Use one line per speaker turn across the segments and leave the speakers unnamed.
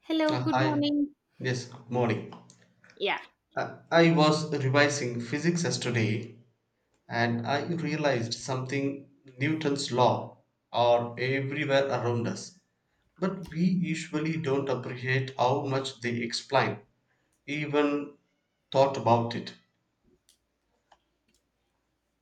Hello, good
Hi.
morning.
Yes, good morning.
Yeah,
I was revising physics yesterday and I realized something. Newton's law are everywhere around us. But we usually don't appreciate how much they explain, even thought about it.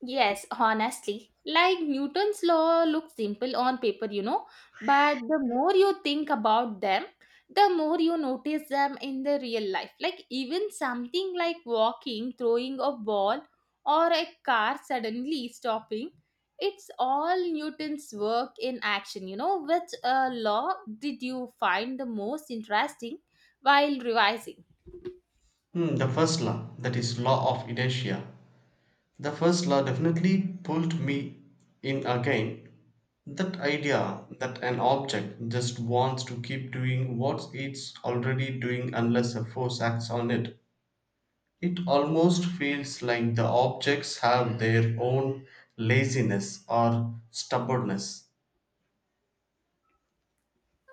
yes, honestly, like Newton's law looks simple on paper, you know, but the more you think about them, the more you notice them in the real life. Like even something like walking, throwing a ball, or a car suddenly stopping, it's all Newton's work in action, you know. Which law did you find the most interesting while revising?
The first law, that is law of inertia. The first law definitely pulled me in again. That idea that an object just wants to keep doing what it's already doing unless a force acts on it. It almost feels like the objects have their own laziness or stubbornness.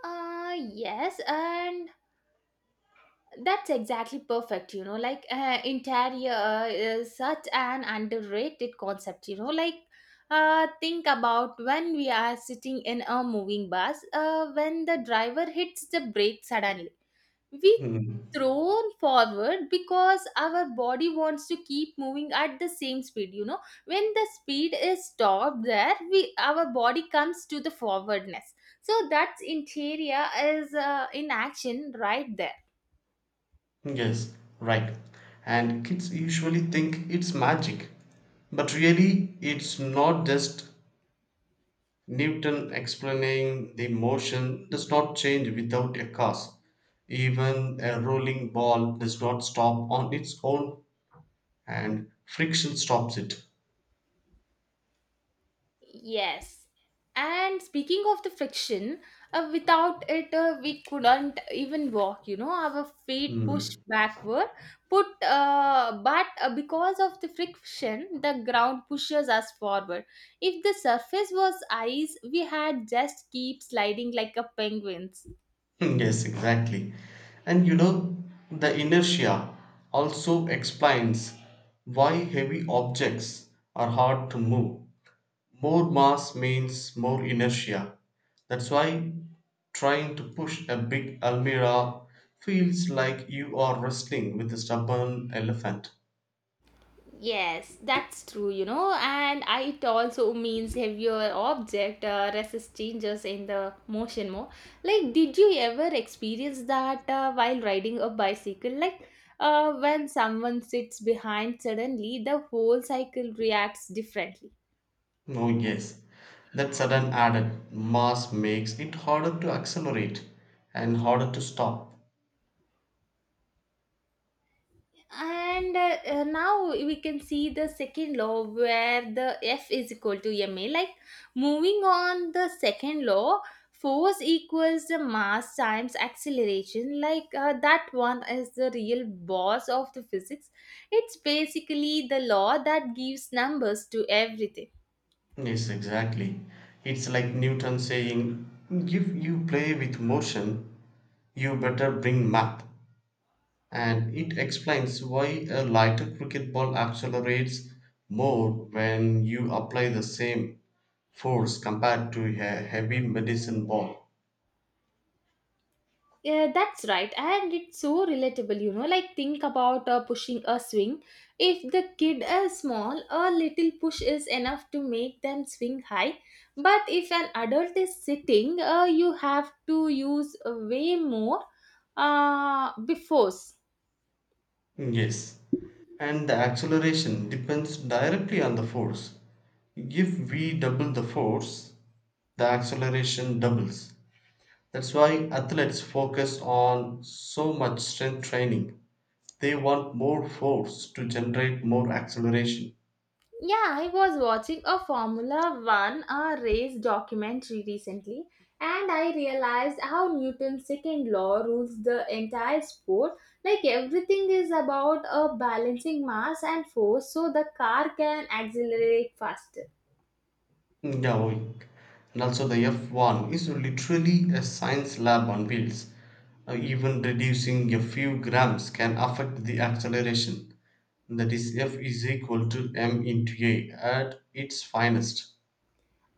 Yes, and that's exactly perfect, you know. Like interior is such an underrated concept, you know. Like think about when we are sitting in a moving bus, when the driver hits the brake suddenly, we
Hmm.
thrown forward because our body wants to keep moving at the same speed. You know, when the speed is stopped, there we our body comes to the forwardness. So that's interior is in action right there.
Yes, right. And kids usually think it's magic. But really, it's not just Newton explaining the motion does not change without a cause. Even a rolling ball does not stop on its own, and friction stops it.
Yes. And speaking of the friction, without it, we couldn't even walk, you know, our feet pushed
Hmm.
backward. Put, but because of the friction, the ground pushes us forward. If the surface was ice, we had just keep sliding like a penguins.
Yes, exactly. And the inertia also explains why heavy objects are hard to move. More mass means more inertia. That's why trying to push a big Almira feels like you are wrestling with a stubborn elephant.
Yes, that's true, you know, and it also means heavier object resist changes in the motion more. Like, did you ever experience that while riding a bicycle? Like, when someone sits behind, suddenly the whole cycle reacts differently.
Oh, yes. That sudden added mass makes it harder to accelerate and harder to stop.
And now we can see the second law where the f is equal to ma. Moving on the second law, force equals the mass times acceleration. That one is the real boss of the physics. It's basically the law that gives numbers to everything.
Yes, exactly. It's like Newton saying, if you play with motion, you better bring math. And it explains why a lighter cricket ball accelerates more when you apply the same force compared to a heavy medicine ball.
Yeah, that's right. And it's so relatable, you know. Like, think about pushing a swing. If the kid is small, a little push is enough to make them swing high. But if an adult is sitting, you have to use way more before.
Yes, and the acceleration depends directly on the force. If we double the force, the acceleration doubles. That's why athletes focus on so much strength training. They want more force to generate more acceleration.
Yeah, I was watching a Formula One a race documentary recently, and I realized how Newton's second law rules the entire sport. Like everything is about a balancing mass and force, so the car can accelerate faster.
Yaoik. And also the F1 is literally a science lab on wheels. Even reducing a few grams can affect the acceleration. That is F is equal to m into a at its finest.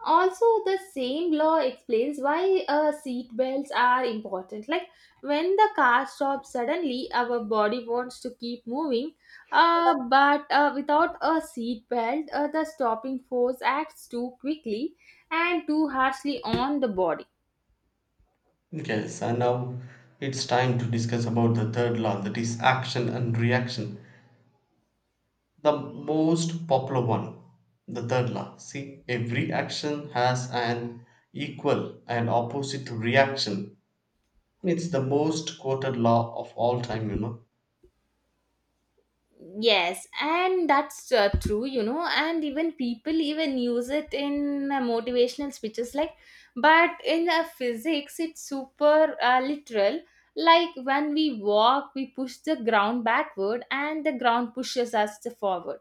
Also, the same law explains why seat belts are important. Like when the car stops suddenly, our body wants to keep moving, but without a seat belt, the stopping force acts too quickly and too harshly on the body.
Yes, and now it's time to discuss about the third law, that is action and reaction. The most popular one, the third law. See, every action has an equal and opposite reaction. It's the most quoted law of all time.
Yes, and that's true, you know, and even people even use it in motivational speeches, like, but in physics, it's super literal. Like when we walk, we push the ground backward and the ground pushes us to forward.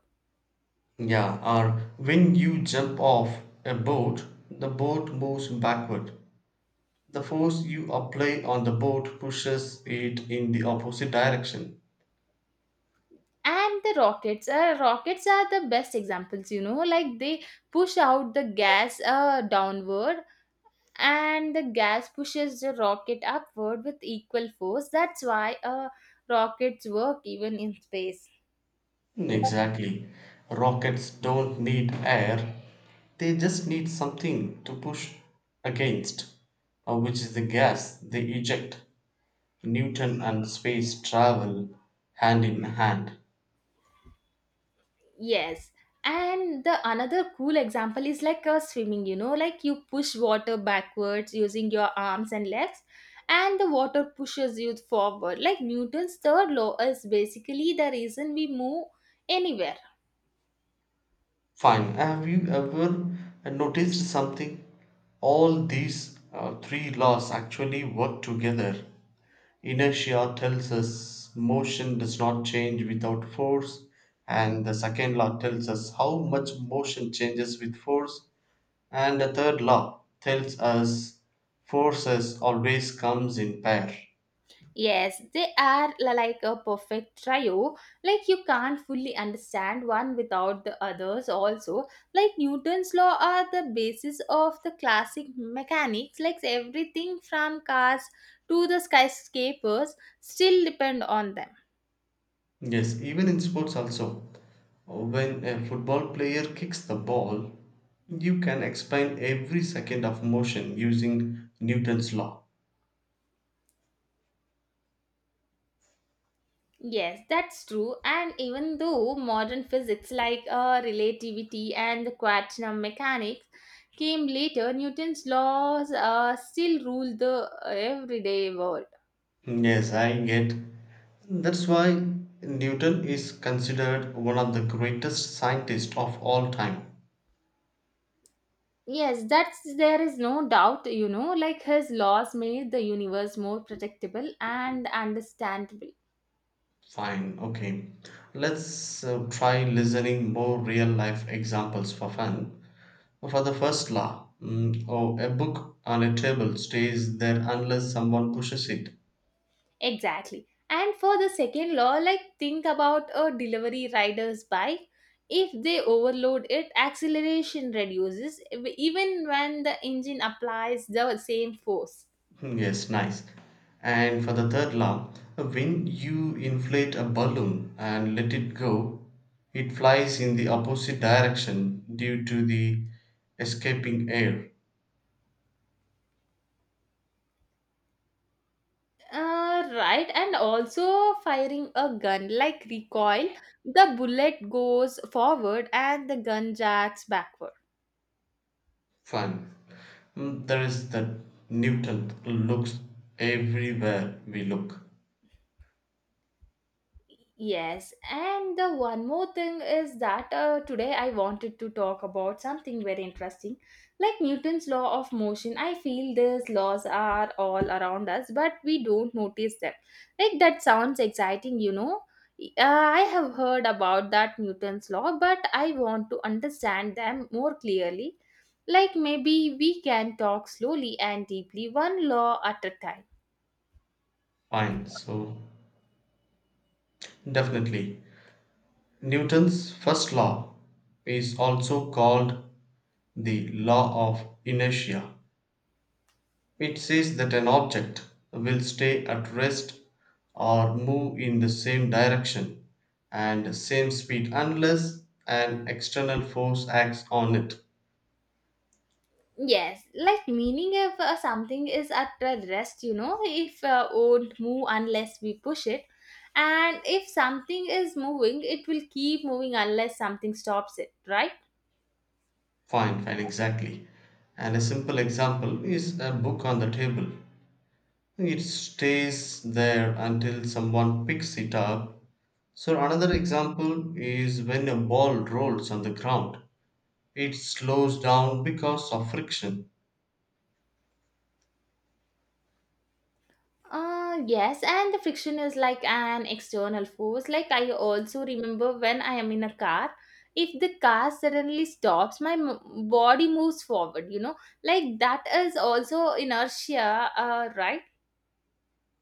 Yeah, or when you jump off a boat, the boat moves backward. The force you apply on the boat pushes it in the opposite direction.
And the rockets, rockets are the best examples, you know, like they push out the gas downward, and the gas pushes the rocket upward with equal force. That's why rockets work even in space.
Exactly. Rockets don't need air, they just need something to push against, which is the gas they eject. Newton and space travel hand in hand.
Yes. And the another cool example is like swimming, you know, like you push water backwards using your arms and legs, and the water pushes you forward. Like Newton's third law is basically the reason we move anywhere.
Fine. Have you ever noticed something? All these three laws actually work together. Inertia tells us motion does not change without force, and the second law tells us how much motion changes with force, and the third law tells us forces always comes in pair.
Yes, they are like a perfect trio. Like you can't fully understand one without the others also. Like Newton's law are the basis of the classic mechanics. Like everything from cars to the skyscrapers still depend on them.
Yes, even in sports also. When a football player kicks the ball, you can explain every second of motion using Newton's law.
Yes, that's true. And even though modern physics like relativity and the quantum mechanics came later, Newton's laws still rule the everyday world.
Yes, I get. That's why Newton is considered one of the greatest scientists of all time.
Yes, that's there is no doubt, you know, like his laws made the universe more predictable and understandable.
Fine, okay. Let's try listening more real life examples for fun. For the first law, oh, a book on a table stays there unless someone pushes it.
Exactly. And for the second law, like think about a delivery rider's bike. If they overload it, acceleration reduces even when the engine applies the same force.
Yes, nice. And for the third law, when you inflate a balloon and let it go, it flies in the opposite direction due to the escaping air.
Right, and also firing a gun like recoil, the bullet goes forward and the gun jacks backward.
Fun. There is the Newton looks everywhere we look.
Yes, and the one more thing is that today I wanted to talk about something very interesting, like Newton's law of motion. I feel these laws are all around us, but we don't notice them. Like that sounds exciting, you know. I have heard about that Newton's law, but I want to understand them more clearly. Like maybe we can talk slowly and deeply, one law at a time.
Fine. So, definitely. Newton's first law is also called the law of inertia. It says that an object will stay at rest or move in the same direction and same speed unless an external force acts on it.
Yes, like meaning if something is at a rest, you know, if won't move unless we push it, and if something is moving, it will keep moving unless something stops it, right?
Fine, fine, exactly. And a simple example is a book on the table. It stays there until someone picks it up. So, another example is when a ball rolls on the ground, it slows down because of friction.
Yes, and the friction is like an external force. Like I also remember when I am in a car, if the car suddenly stops, my body moves forward, you know, like that is also inertia, right?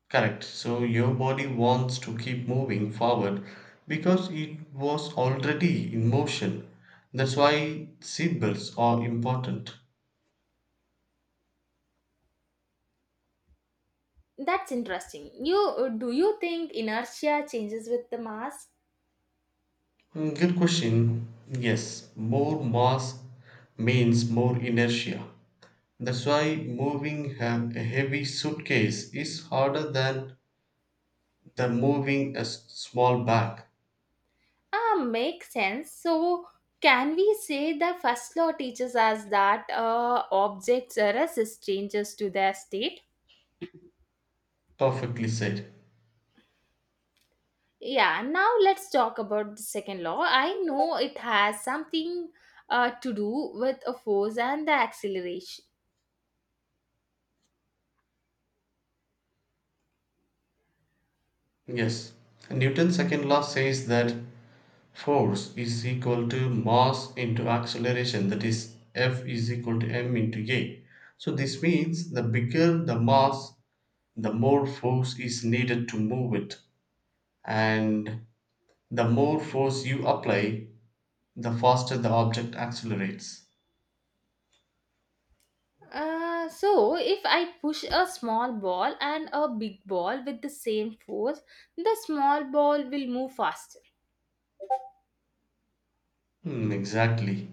Correct. So your body wants to keep moving forward because it was already in motion. That's why seatbelts are important.
That's interesting. You do you think inertia changes with the mass?
Good question. Yes, more mass means more inertia. That's why moving a heavy suitcase is harder than the moving a small bag.
Ah, makes sense. So can we say the first law teaches us that objects resist changes to their state?
Perfectly said.
Yeah. Now let's talk about the second law. I know it has something to do with a force and the acceleration.
Yes. Newton's second law says that force is equal to mass into acceleration, that is f is equal to m into a. So this means the bigger the mass, the more force is needed to move it, and the more force you apply, the faster the object accelerates.
So if I push a small ball and a big ball with the same force, the small ball will move faster.
Exactly,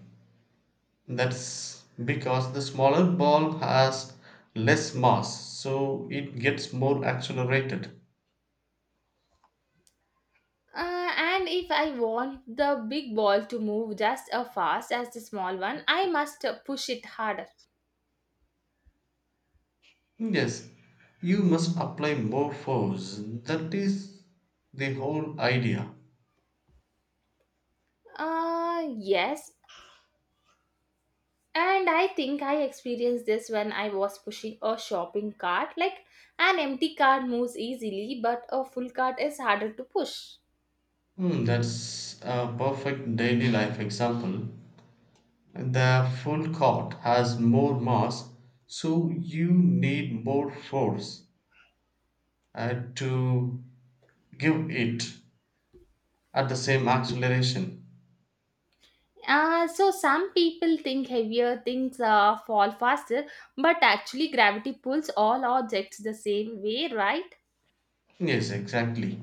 that's because the smaller ball has less mass, so it gets more accelerated.
And if I want the big ball to move just as fast as the small one, I must push it harder.
Yes, you must apply more force. That is the whole idea.
Yes. And I think I experienced this when I was pushing a shopping cart. Like an empty cart moves easily, but a full cart is harder to push.
That's a perfect daily life example. The full court has more mass, so you need more force to give it at the same acceleration.
So some people think heavier things fall faster, but actually gravity pulls all objects the same way, right?
Yes, exactly.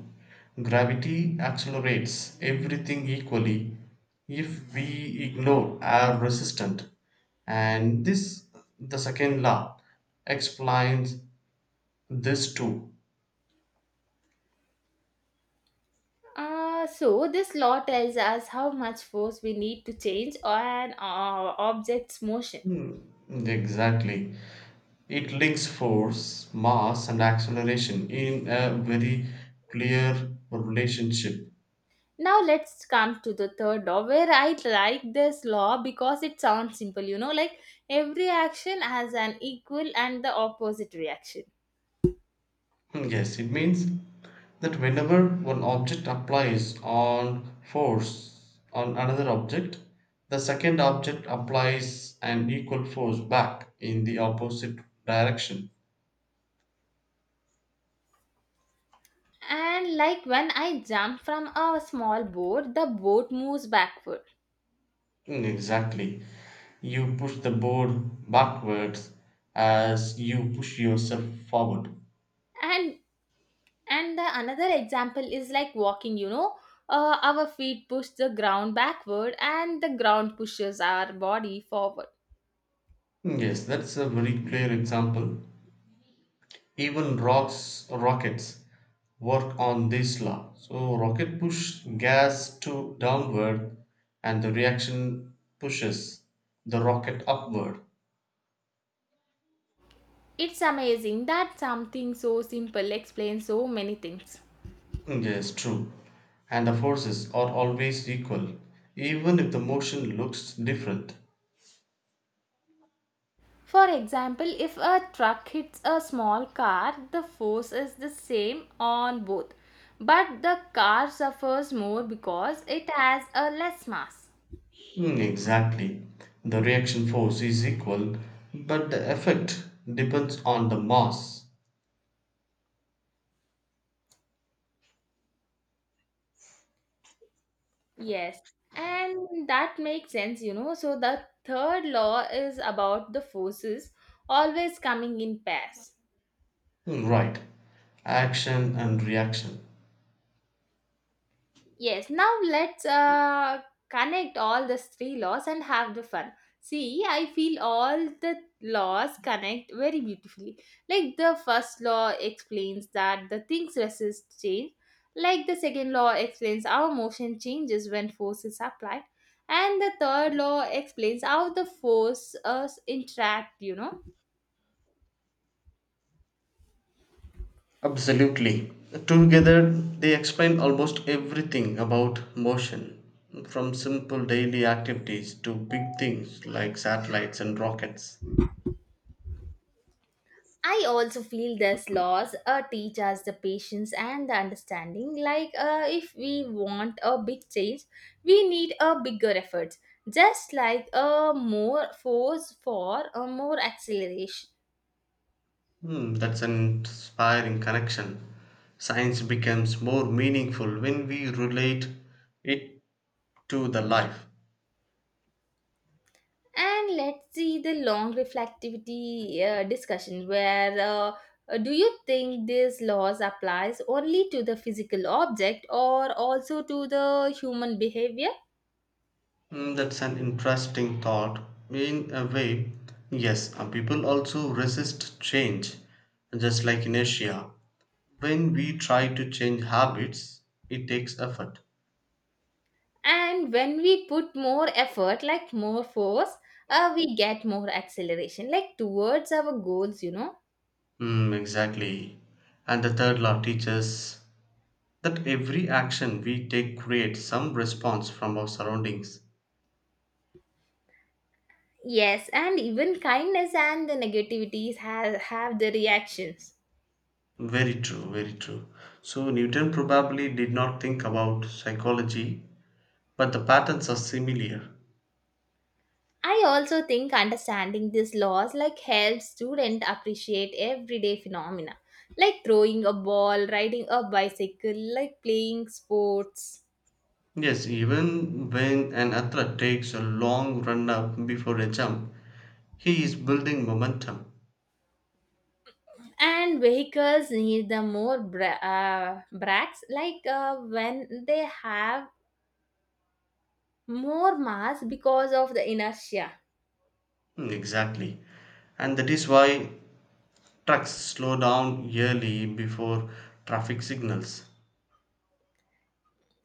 Gravity accelerates everything equally if we ignore our resistance. And this, the second law, explains this too.
So this law tells us how much force we need to change an object's motion.
Hmm, Exactly. It links force, mass, and acceleration in a very clear relationship.
Now let's come to the third law where I like this law because it sounds simple, you know, like every action has an equal and the opposite reaction.
Yes, it means that whenever one object applies on force on another object, the second object applies an equal force back in the opposite direction.
And like when I jump from a small boat, the boat moves backward.
Exactly. You push the board backwards as you push yourself forward.
And And the another example is like walking, you know, our feet push the ground backward and the ground pushes our body forward.
Yes, that's a very clear example. Even rocks rockets work on this law. So rocket push gas to downward, and the reaction pushes the rocket upward.
It's amazing that something so simple explains so many things.
Yes, true. And the forces are always equal even if the motion looks different.
For example, if a truck hits a small car, the force is the same on both, but the car suffers more because it has a less mass.
Exactly, the reaction force is equal, but the effect depends on the mass.
Yes, and that makes sense, you know. So the third law is about the forces always coming in pairs.
Right. Action and reaction.
Yes, now let's connect all the three laws and have the fun. See, I feel all the laws connect very beautifully. Like the first law explains that the things resist change. Like the second law explains how motion changes when force is applied. And the third law explains how the forces interact, you know.
Absolutely. Together, they explain almost everything about motion, from simple daily activities to big things like satellites and rockets.
I also feel this laws teach us the patience and the understanding. Like, if we want a big change, we need a bigger effort. Just like a more force for a more acceleration.
That's an inspiring connection. Science becomes more meaningful when we relate it to the life.
And let's see the long reflectivity discussion where do you think this laws applies only to the physical object or also to the human behavior?
That's an interesting thought. In a way, yes, people also resist change, just like inertia. When we try to change habits, it takes effort.
And when we put more effort, like more force, we get more acceleration like towards our goals, you know.
Exactly. And the third law teaches that every action we take creates some response from our surroundings.
Yes, and even kindness and the negativities have the reactions.
Very true, very true. So, Newton probably did not think about psychology, but the patterns are similar.
I also think understanding these laws like helps student appreciate everyday phenomena, like throwing a ball, riding a bicycle, like playing sports.
Yes, even when an athlete takes a long run up before a jump, he is building momentum.
And vehicles need the more brakes like when they have more mass because of the inertia.
Exactly. And that is why trucks slow down yearly before traffic signals.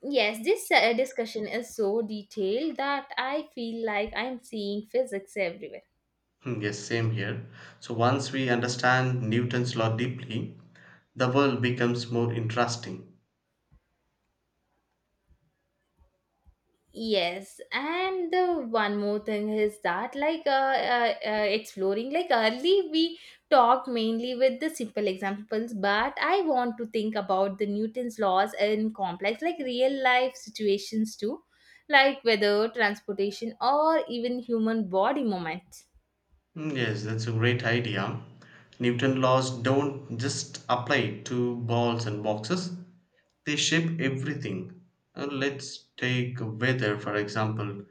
Yes, this discussion is so detailed that I feel like I'm seeing physics everywhere.
Yes, same here. So once we understand Newton's law deeply, the world becomes more interesting.
Yes, and the one more thing is that like exploring, like early we talked mainly with the simple examples, but I want to think about the Newton's laws in complex like real life situations too, like weather, transportation, or even human body movements.
Yes, that's a great idea. Newton laws don't just apply to balls and boxes. They shape everything. Let's take weather for example.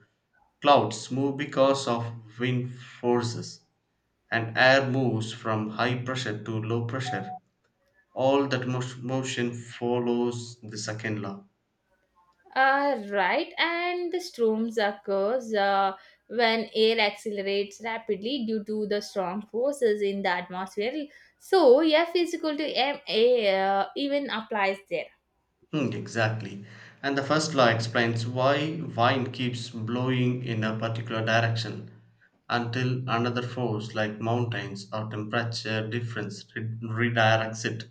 Clouds move because of wind forces, and air moves from high pressure to low pressure. All that motion follows the second law.
Right, and the storms occurs when air accelerates rapidly due to the strong forces in the atmosphere. So F is equal to ma even applies there.
Exactly. And the first law explains why wind keeps blowing in a particular direction until another force like mountains or temperature difference redirects it.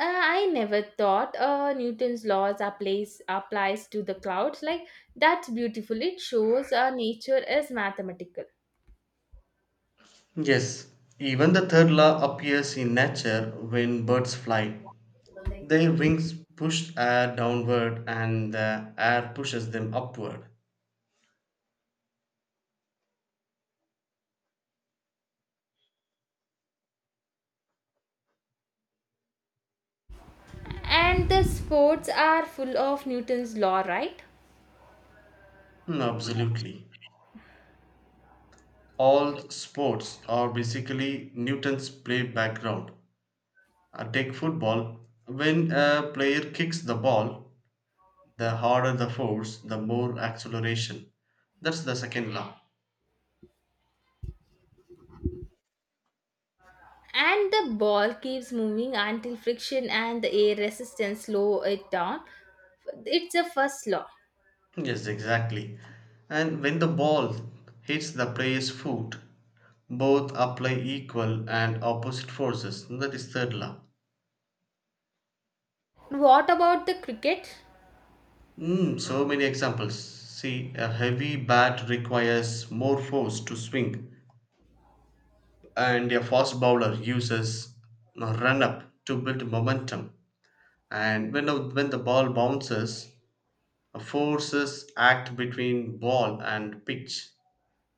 I never thought Newton's laws applies to the clouds. Like that's beautiful. It shows nature is mathematical.
Yes, even the third law appears in nature when birds fly. Their wings push air downward and the air pushes them upward.
And the sports are full of Newton's law, right?
Absolutely. All sports are basically Newton's play background. Take football. When a player kicks the ball, the harder the force, the more acceleration. That's the second law.
And the ball keeps moving until friction and the air resistance slow it down. It's the first law.
Yes, exactly. And when the ball hits the player's foot, both apply equal and opposite forces. That is third law.
What about the cricket?
So many examples. See, a heavy bat requires more force to swing, and a fast bowler uses a run up to build momentum. And when, when the ball bounces, forces act between ball and pitch.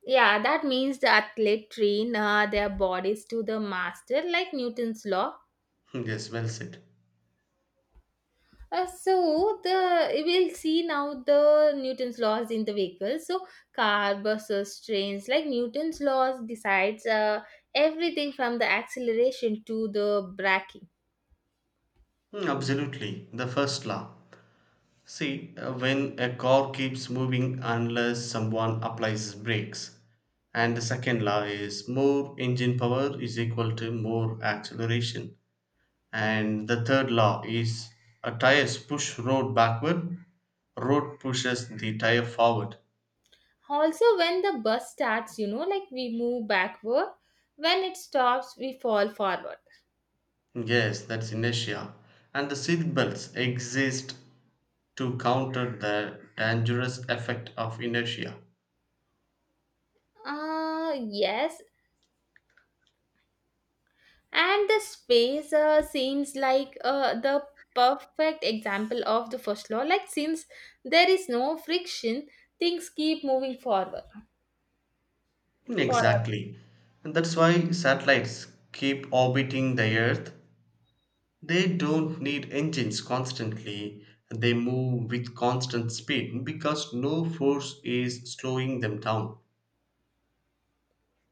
Yeah, that means the athlete train their bodies to the master like Newton's law.
Yes, well said.
Uh, so the we will see now the Newton's laws in the vehicle. So car, buses, trains, like Newton's laws decides everything from the acceleration to the braking.
Absolutely. The first law. See, when a car keeps moving unless someone applies brakes, and the second law is more engine power is equal to more acceleration, and the third law is a tires push road backward, road pushes the tire forward.
Also, when the bus starts, you know, like we move backward. When it stops, we fall forward.
Yes, that's inertia, and the seat belts exist to counter the dangerous effect of inertia.
Yes. And the space seems like the perfect example of the first law. Like, since there is no friction, things keep moving forward. Forward.
Exactly. And that's why satellites keep orbiting the Earth. They don't need engines constantly. They move with constant speed because no force is slowing them down.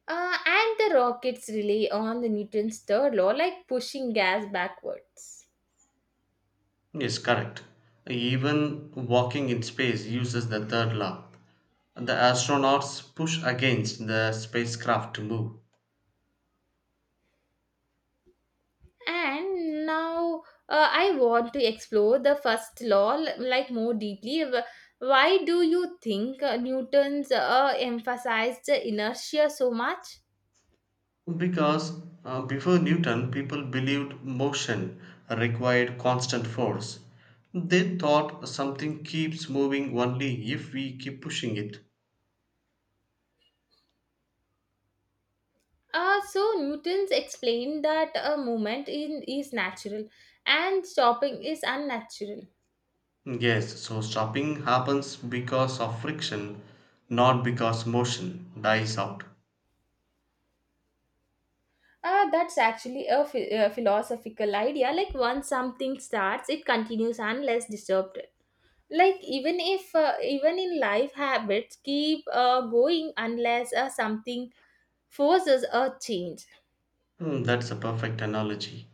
And the rockets rely on the Newton's third law, like pushing gas backwards.
Yes, correct. Even walking in space uses the third law. The astronauts push against the spacecraft to move.
And now I want to explore the first law like more deeply. Why do you think newton's emphasized the inertia so much?
Because before Newton, people believed motion required constant force. They thought something keeps moving only if we keep pushing it.
Uh, so Newton's explained that a movement is natural and stopping is unnatural.
Yes, so stopping happens because of friction, not because motion dies out.
That's actually a philosophical idea, like once something starts it continues unless disturbed. Like even if even in life habits keep going unless something forces a change.
That's a perfect analogy.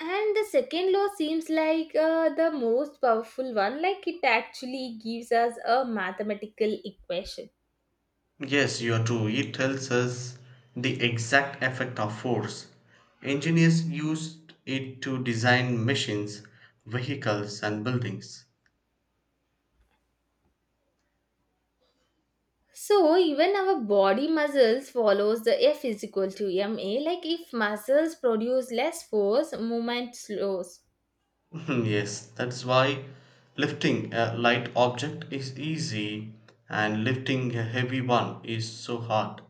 And the second law seems like the most powerful one, like it actually gives us a mathematical equation.
Yes, you are true. It tells us the exact effect of force. Engineers used it to design machines, vehicles, and buildings.
So even our body muscles follows the f is equal to ma. Like if muscles produce less force, movement slows.
Yes, that's why lifting a light object is easy and lifting a heavy one is so hard.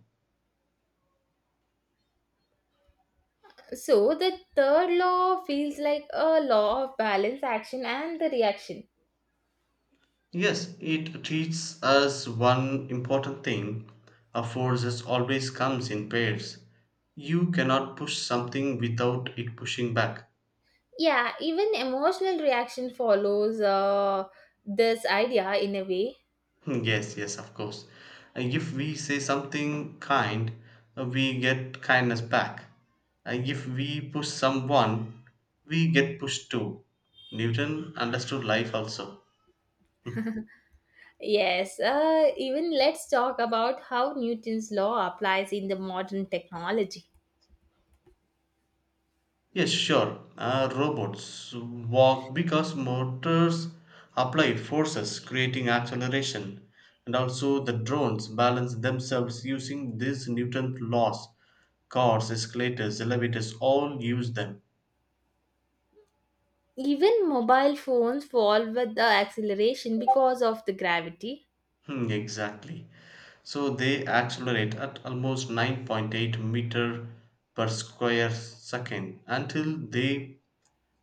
So the third law feels like a law of balance, action and the reaction.
Yes, it teaches us one important thing: a forces always comes in pairs. You cannot push something without it pushing back.
Yeah, even emotional reaction follows this idea in a way.
Yes, yes, of course. If we say something kind, we get kindness back. If we push someone, we get pushed too. Newton understood life also.
Yes, even let's talk about how Newton's law applies in the modern technology.
Yes, sure. Robots walk because motors apply forces, creating acceleration. And also, the drones balance themselves using these Newton laws. Cars, escalators, elevators all use them.
Even mobile phones fall with the acceleration because of the gravity.
Exactly. So they accelerate at almost 9.8 meter per square second until they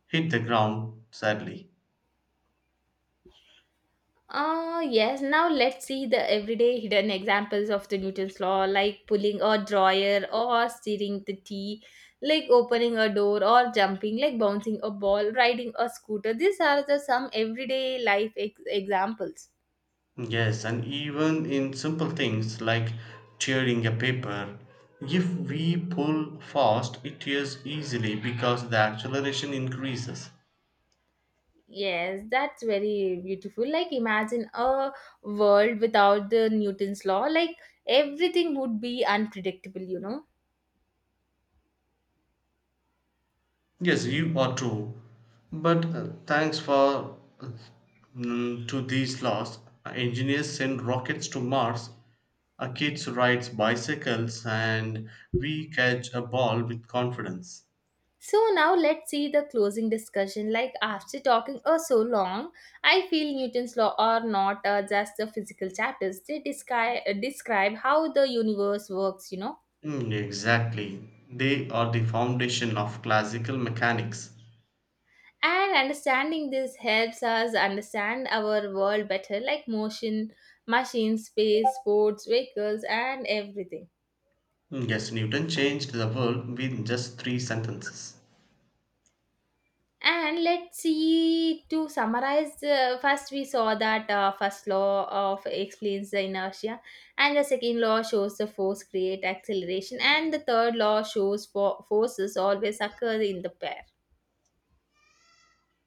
hit the ground sadly.
Yes, now let's see the everyday hidden examples of the Newton's law, like pulling a drawer or stirring the tea, like opening a door or jumping, like bouncing a ball, riding a scooter. These are the some everyday life examples.
Yes, and even in simple things like tearing a paper, if we pull fast, it tears easily because the acceleration increases.
Yes, that's very beautiful. Like, imagine a world without the Newton's law, like, everything would be unpredictable, you know.
Yes, you are true. But thanks for to these laws, engineers send rockets to Mars. A kid rides bicycles, and we catch a ball with confidence.
So now let's see the closing discussion. Like after talking so long, I feel Newton's law are not just the physical chapters. They describe how the universe works, you know.
Exactly. They are the foundation of classical mechanics.
And understanding this helps us understand our world better, like motion, machines, space, sports, vehicles, and everything.
Yes, Newton changed the world with just three sentences.
And let's see to summarize. First, we saw that first law of explains the inertia, and the second law shows the force create acceleration, and the third law shows for forces always occur in the pair.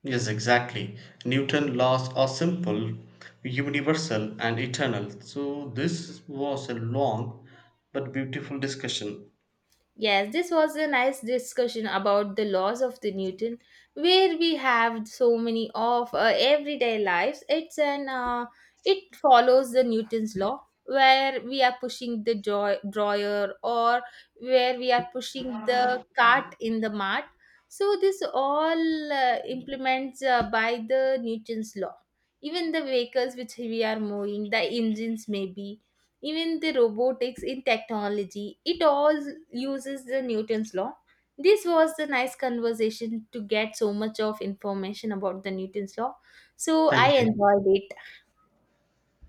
Yes, exactly. Newton's laws are simple, universal, and eternal. So, this was a long but beautiful discussion.
Yes, this was a nice discussion about the laws of the Newton, where we have so many of everyday lives. It's an it follows the Newton's law, where we are pushing the joy, drawer, or where we are pushing the cart in the mart. So this all implements by the Newton's law. Even the vehicles which we are moving, the engines maybe even the robotics in technology, it all uses the Newton's law. This was the nice conversation to get so much of information about the Newton's law, so I
Thank you.
enjoyed it.